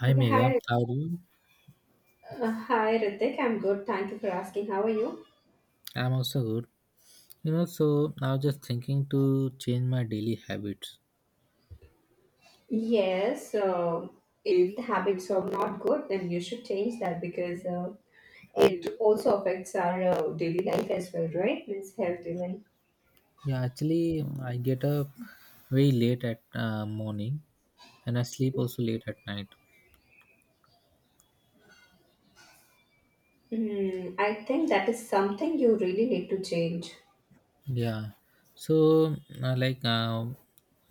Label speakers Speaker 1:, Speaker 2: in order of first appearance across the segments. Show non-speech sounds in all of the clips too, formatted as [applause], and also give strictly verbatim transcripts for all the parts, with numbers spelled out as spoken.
Speaker 1: Hi
Speaker 2: Okay,
Speaker 1: Mega,
Speaker 2: hi,
Speaker 1: how are you?
Speaker 2: uh, hi, Ritik. I'm good. Thank you for asking. How are you?
Speaker 1: I'm also good. You know, so I was just thinking to change my daily habits.
Speaker 2: Yes, uh, if the habits are not good, then you should change that because uh, it also affects our uh, daily life as well, right? Means health even.
Speaker 1: Yeah, actually, I get up very late at uh, morning, and I sleep also late at night.
Speaker 2: Hmm, I think that is something you really need to change.
Speaker 1: Yeah, so uh, like, uh,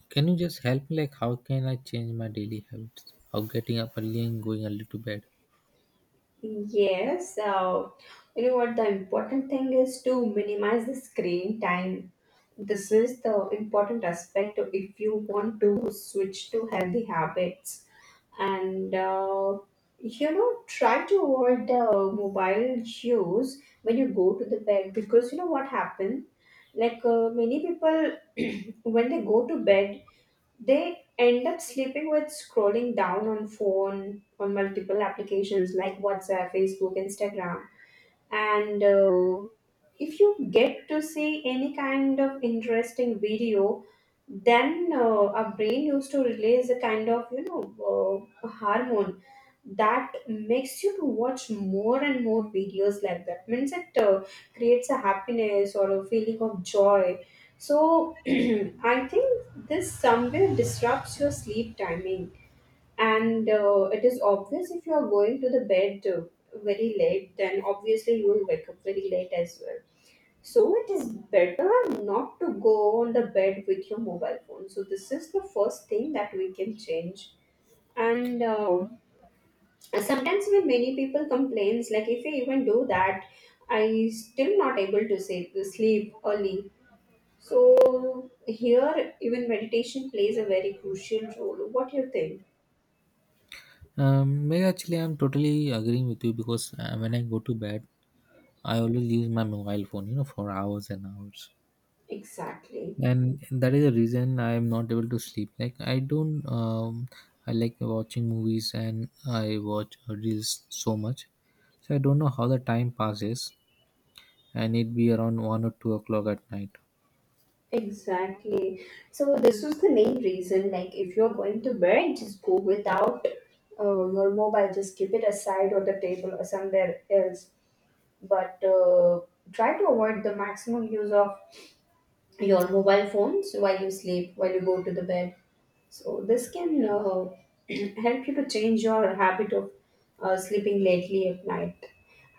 Speaker 1: can you just help me? Like, how can I change my daily habits of getting up early and going early to bed?
Speaker 2: Yes, uh, you know what? The important thing is to minimize the screen time. This is the important aspect if you want to switch to healthy habits. And uh, you know, try to avoid the mobile use when you go to the bed, because you know what happens, like uh, many people, [clears throat] when they go to bed, they end up sleeping with scrolling down on phone on multiple applications like WhatsApp, Facebook, Instagram. And uh, if you get to see any kind of interesting video, then uh, our brain used to release a kind of, you know, uh, hormone that makes you to watch more and more videos like that. Means it uh, creates a happiness or a feeling of joy. So [clears throat] I think this somewhere disrupts your sleep timing. And uh, it is obvious, if you are going to the bed uh, very late, then obviously you will wake up very late as well. So it is better not to go on the bed with your mobile phone. So this is the first thing that we can change. And uh, sometimes, when many people complains like, if I even do that, I still not able to say sleep early, so here even meditation plays a very crucial role. What do you think?
Speaker 1: Um, Mega, actually, I'm totally agreeing with you because uh, when I go to bed, I always use my mobile phone. You know, for hours and hours,
Speaker 2: Exactly.
Speaker 1: and that is the reason I am not able to sleep. Like, I don't, um I like watching movies, and I watch reels so much, so I don't know how the time passes, and it be around one or two o'clock at night.
Speaker 2: Exactly. So this was the main reason. Like, if you're going to bed, just go without uh, your mobile. Just keep it aside on the table or somewhere else. But uh, try to avoid the maximum use of your mobile phones while you sleep, while you go to the bed. So this can uh, [clears throat] help you to change your habit of uh, sleeping lately at night.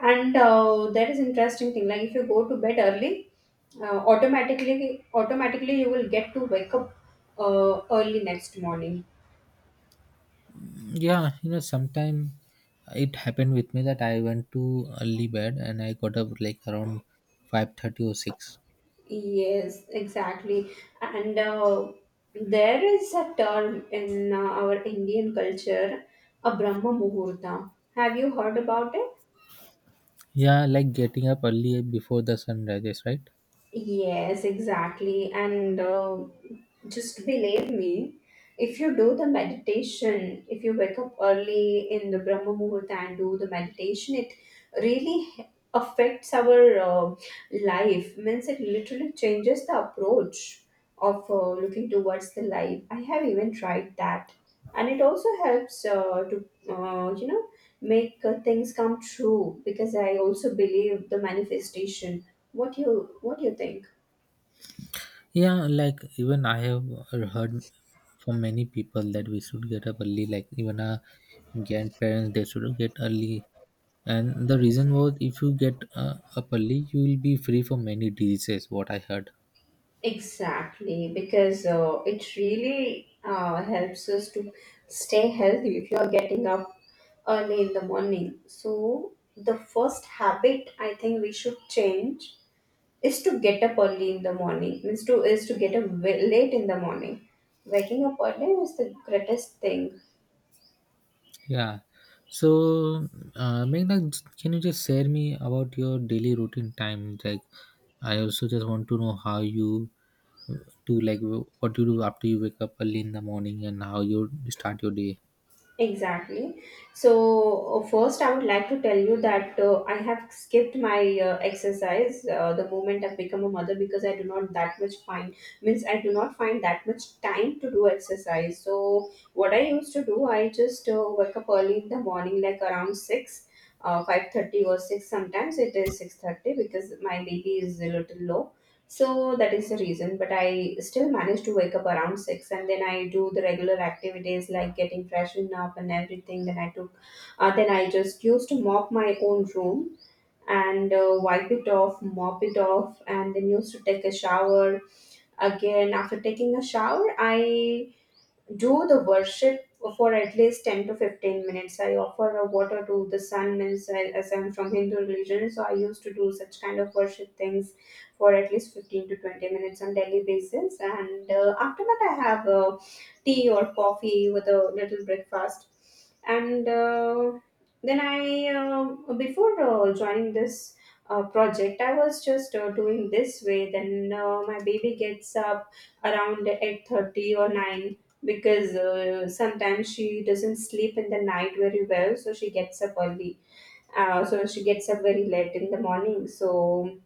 Speaker 2: And uh, that is interesting thing. Like, if you go to bed early, uh, automatically automatically you will get to wake up uh, early next morning.
Speaker 1: Yeah, you know sometime it happened with me that I went to early bed and I got up like around five thirty or six.
Speaker 2: Yes, exactly. And uh, there is a term in uh, our Indian culture, a Brahma Muhurta. Have you heard about it?
Speaker 1: Yeah, like getting up early before the sun rises, right?
Speaker 2: Yes, exactly. And uh, just believe me, if you do the meditation, if you wake up early in the Brahma Muhurta and do the meditation, it really h- affects our uh, life. Means it literally changes the approach of uh, looking towards the life. I have even tried that. And it also helps uh, to, uh, you know, make uh, things come true, because I also believe the manifestation, what you, what you think.
Speaker 1: Yeah, like even I have heard from many people that we should get up early. Like even our grandparents, they should get early, and the reason was if you get uh, up early, you will be free from many diseases. What I heard.
Speaker 2: Exactly, because uh, it really uh, helps us to stay healthy if you are getting up early in the morning. So the first habit, I think, we should change is to get up early in the morning. Means to is to get up wa- late in the morning. Waking up early is the greatest thing.
Speaker 1: Yeah. So, uh, Meghna, can you just share me about your daily routine time? Like, I also just want to know how you uh, do, like, wh- what you do after you wake up early in the morning and how you start your day.
Speaker 2: Exactly. So, uh, first, I would like to tell you that uh, I have skipped my uh, exercise uh, the moment I've become a mother, because I do not that much find, means I do not find that much time to do exercise. So, what I used to do, I just uh, wake up early in the morning, like around six, uh, five thirty or six. Sometimes it is six thirty because my baby is a little low. So that is the reason, but I still manage to wake up around six and then I do the regular activities like getting freshened up and everything. Then I took, uh, then I just used to mop my own room and uh, wipe it off, mop it off, and then used to take a shower. Again, after taking a shower, I do the worship for at least ten to fifteen minutes. I offer a water to the sun. Means I, as I'm from Hindu religion, so I used to do such kind of worship things for at least fifteen to twenty minutes on daily basis. And uh, after that, I have uh, tea or coffee with a little breakfast. And uh, then I, uh, before uh, joining this uh, project, I was just uh, doing this way. Then uh, my baby gets up around eight thirty or nine, because uh, sometimes she doesn't sleep in the night very well, so she gets up early. Uh, so she gets up very late in the morning, so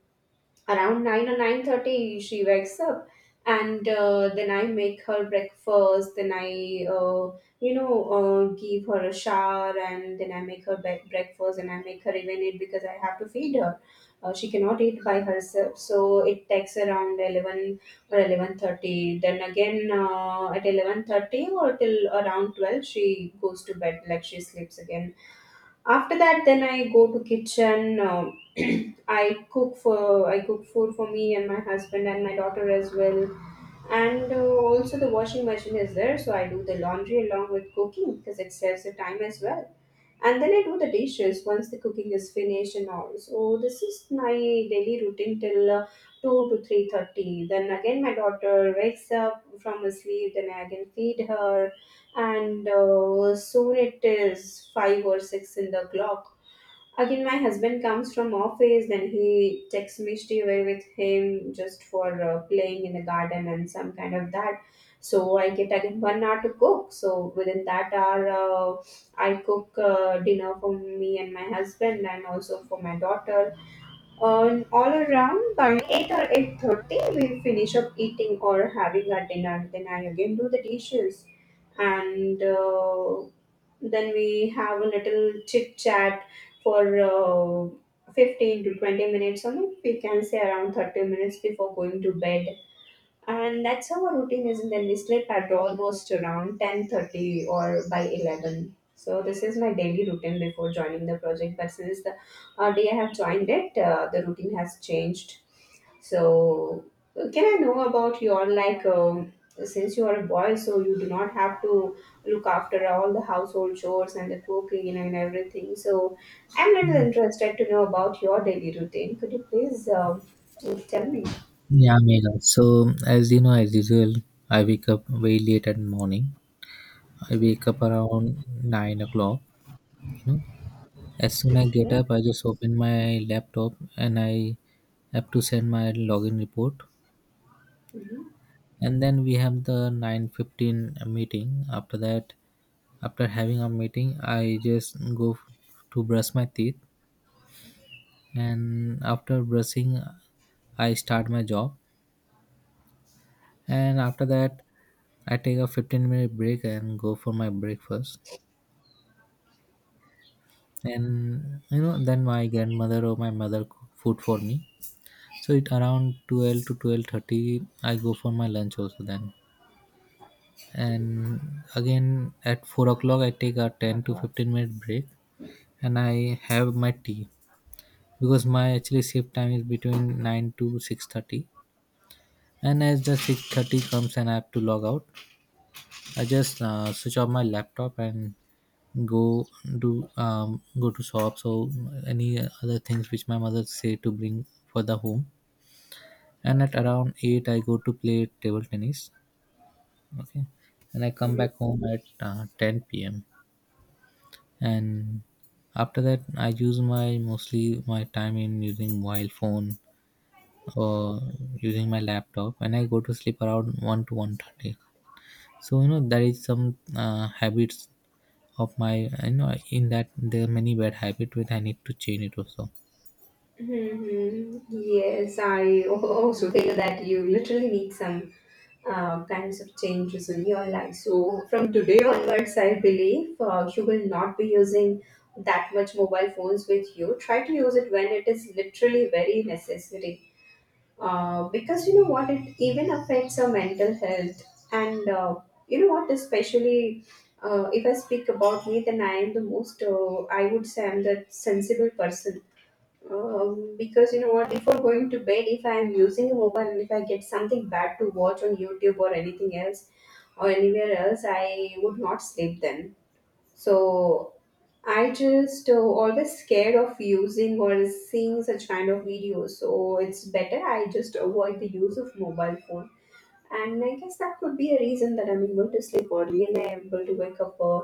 Speaker 2: around nine or nine thirty she wakes up. And uh, then I make her breakfast, then I uh, you know, uh, give her a shower, and then I make her be- breakfast, and I make her even eat, because I have to feed her. Uh, she cannot eat by herself, so it takes around eleven or eleven thirty. Then again uh, at eleven thirty or till around twelve she goes to bed, like she sleeps again. After that, then I go to kitchen. Um, [clears throat] I cook for, I cook food for me and my husband and my daughter as well. And uh, also the washing machine is there, so I do the laundry along with cooking because it saves the time as well. And then I do the dishes once the cooking is finished and all. So this is my daily routine till uh, two to three thirty. Then again my daughter wakes up from her sleep. Then I again feed her, and uh, soon it is five or six in the clock. Again, my husband comes from office, then he takes me stay away with him just for uh, playing in the garden and some kind of that. So I get again one hour to cook. So within that hour, uh, I cook uh, dinner for me and my husband, and also for my daughter. um, all around by eight or eight thirty we finish up eating or having our dinner, then I again do the dishes. And uh, then we have a little chit chat for uh, fifteen to twenty minutes, or maybe we can say around thirty minutes, before going to bed. And that's how our routine is, and then we sleep at almost around ten thirty or by eleven. So this is my daily routine before joining the project, but since the uh, day I have joined it, uh, the routine has changed. So can I know about your, like, um, since you are a boy, so you do not have to look after all the household chores and the cooking and everything. So I'm little interested to know about your daily routine. Could you please um tell me?
Speaker 1: Yeah, Megha. So, as you know, as usual, I wake up very late at morning. I wake up around nine o'clock. You know, as soon I get
Speaker 2: Yeah.
Speaker 1: up, I just open my laptop and I have to send my login report.
Speaker 2: Mhm.
Speaker 1: And then we have the nine fifteen meeting. After that, after having a meeting, I just go to brush my teeth, and after brushing, I start my job. And after that, I take a fifteen minute break and go for my breakfast. And you know, then my grandmother or my mother cook food for me, so it around twelve to twelve thirty I go for my lunch also. Then and again at four o'clock I take a ten to fifteen minute break, and I have my tea, because my actually shift time is between nine to six thirty. And as the six thirty comes and I have to log out, I just uh, switch off my laptop and go, do um, go to shops or any other things which my mother say to bring for the home. And at around eight I go to play table tennis. Okay, and I come back home at uh, ten p.m. And after that I use my mostly my time in using mobile phone or using my laptop, and I go to sleep around one to one thirty. So you know there is some uh, habits of my. I know in that there are many bad habits which I need to change it also.
Speaker 2: Hmm. Yes, I [laughs] al- also feel that you literally need some uh, kinds of changes in your life. So from today onwards, I believe uh, you will not be using that much mobile phones with you. Try to use it when it is literally very necessary. Uh, because you know what, it even affects our mental health. And uh, you know what, especially uh, if I speak about me, then I am the most, uh, I would say I'm the sensible person, um, because you know what, before going to bed, if I am using a mobile and if I get something bad to watch on YouTube or anything else or anywhere else, I would not sleep then. So I just uh, always scared of using or seeing such kind of videos. So it's better I just avoid the use of mobile phone. And I guess that could be a reason that I'm able to sleep early and I'm able to wake up uh,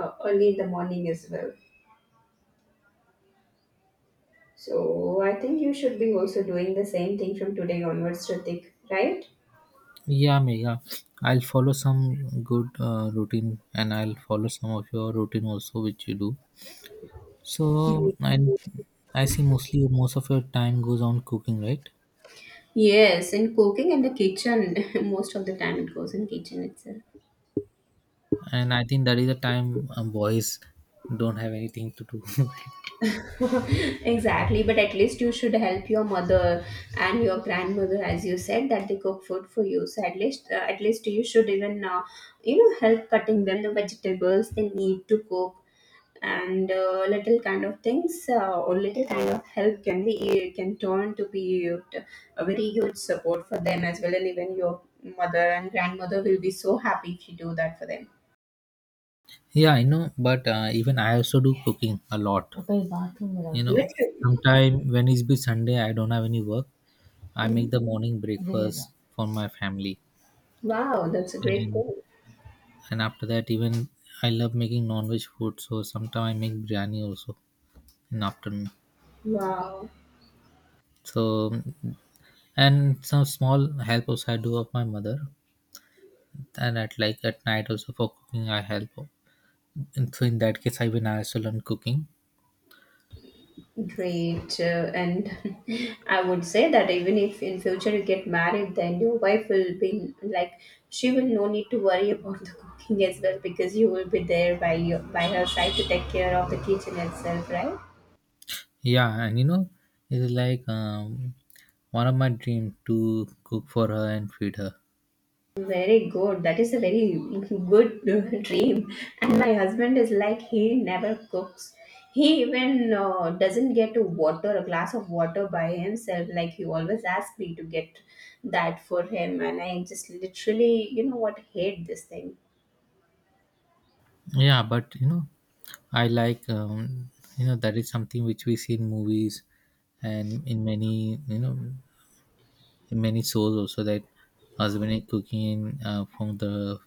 Speaker 2: uh, early in the morning as well. So I think you should be also doing the same thing from today onwards, Ritik, right?
Speaker 1: Yeah, Megha. I'll follow some good uh, routine, and I'll follow some of your routine also, which you do. So, um, I I see mostly most of your time goes on cooking, right?
Speaker 2: Yes, and cooking in the kitchen, [laughs] most of the time it goes in kitchen itself.
Speaker 1: And I think that is the time um, boys don't have anything to do. [laughs]
Speaker 2: [laughs] Exactly, but at least you should help your mother and your grandmother, as you said that they cook food for you. So at least, uh, at least you should even uh, you know, help cutting them the vegetables they need to cook. And uh, little kind of things, uh, or little kind of help can be, can turn to be a very huge support for them as well, and even your mother and grandmother will be so happy if you do that for them.
Speaker 1: Yeah, I know, but uh, even I also do cooking a lot. You know,
Speaker 2: Literally.
Speaker 1: sometime when it's be Sunday, I don't have any work. I make the morning breakfast for my family.
Speaker 2: Wow, that's a great
Speaker 1: and
Speaker 2: goal.
Speaker 1: and after that, even I love making non-veg food, so sometimes I make biryani also in afternoon.
Speaker 2: Wow.
Speaker 1: So, and some small help also I do of my mother, and at, like, at night also for cooking I help. And so in that case i even i also learn cooking.
Speaker 2: Great. Uh, and [laughs] I would say that even if in future you get married, then your wife will be like, she will no need to worry about the cooking as well, because you will be there by your, by her side to take care of the kitchen itself, right?
Speaker 1: Yeah, and you know it's like, um, one of my dream to cook for her and feed her.
Speaker 2: Very good. That is a very [laughs] good dream. And my husband is like he never cooks. He even uh, doesn't get to water a glass of water by himself. Like he always asks me to get that for him, and I just literally, you know what, hate this thing.
Speaker 1: Yeah, but you know I like, um, you know that is something which we see in movies and in many, you know, many souls also that husband is cooking uh, from the,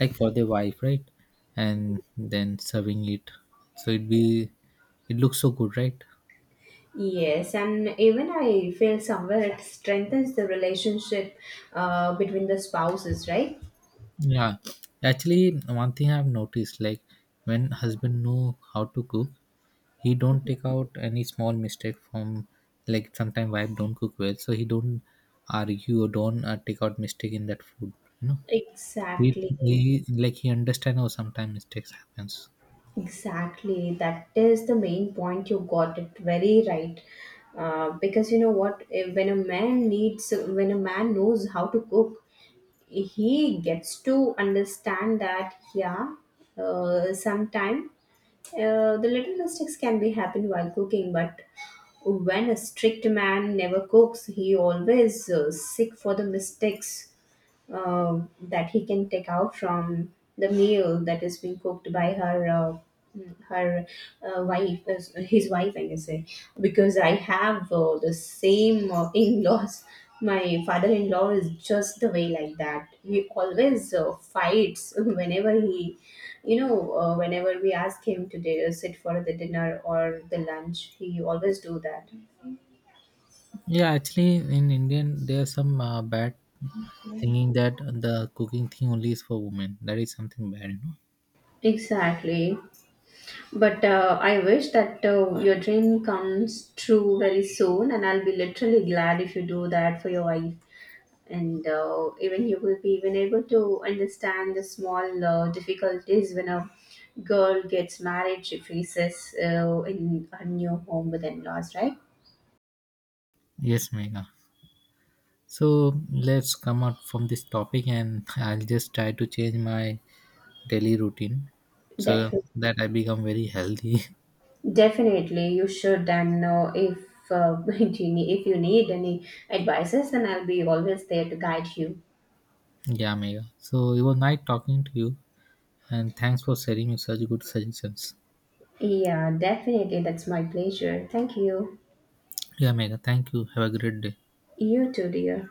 Speaker 1: like, for the wife, right? And then serving it, so it be it looks so good, right?
Speaker 2: Yes, and even I feel somewhere it strengthens the relationship uh, between the spouses, right?
Speaker 1: Yeah, actually one thing I've noticed, like, when husband know how to cook, he don't take out any small mistake from, like, sometimes wife don't cook well, so he don't argue or don't uh, take out mistake in that food, you know. he,
Speaker 2: Exactly.
Speaker 1: he like he understand how sometimes mistakes happens.
Speaker 2: Exactly, that is the main point. You got it very right. Uh, because you know what, eh, when a man needs, when a man knows how to cook, he gets to understand that yeah, uh, sometime uh, the little mistakes can be happen while cooking, but when a strict man never cooks, he always uh, sick for the mistakes, um, that he can take out from the meal that is being cooked by her, uh, mm, her, uh, wife is- his wife, I can say. Because I have uh, the same uh, [laughs] in-laws. My father-in-law is just the way like that, he always uh, fights [laughs] whenever he, you know, uh, whenever we ask him to di- sit for the dinner or the lunch, he always do that.
Speaker 1: Yeah, actually, in Indian, there's some uh, bad thinking that the cooking thing only is for women. That is something bad, you know.
Speaker 2: Exactly. But uh, I wish that uh, your dream comes true very soon, and I'll be literally glad if you do that for your wife. And uh, even you will be even able to understand the small uh, difficulties when a girl gets married, she faces uh, in a new home with in-laws, right?
Speaker 1: Yes, Megha. So let's come out from this topic, and [laughs] I'll just try to change my daily routine so
Speaker 2: Definitely,
Speaker 1: that I become very healthy. [laughs]
Speaker 2: definitely, you should. And uh, if uh, [laughs] if you need, if you need any advices, then I'll be always there to guide you.
Speaker 1: Yeah, Megha. So it was nice talking to you, and thanks for sharing your such good suggestions.
Speaker 2: Yeah, definitely, that's my pleasure. Thank you.
Speaker 1: Yeah, Megha. Thank you. Have a great day.
Speaker 2: You too, dear.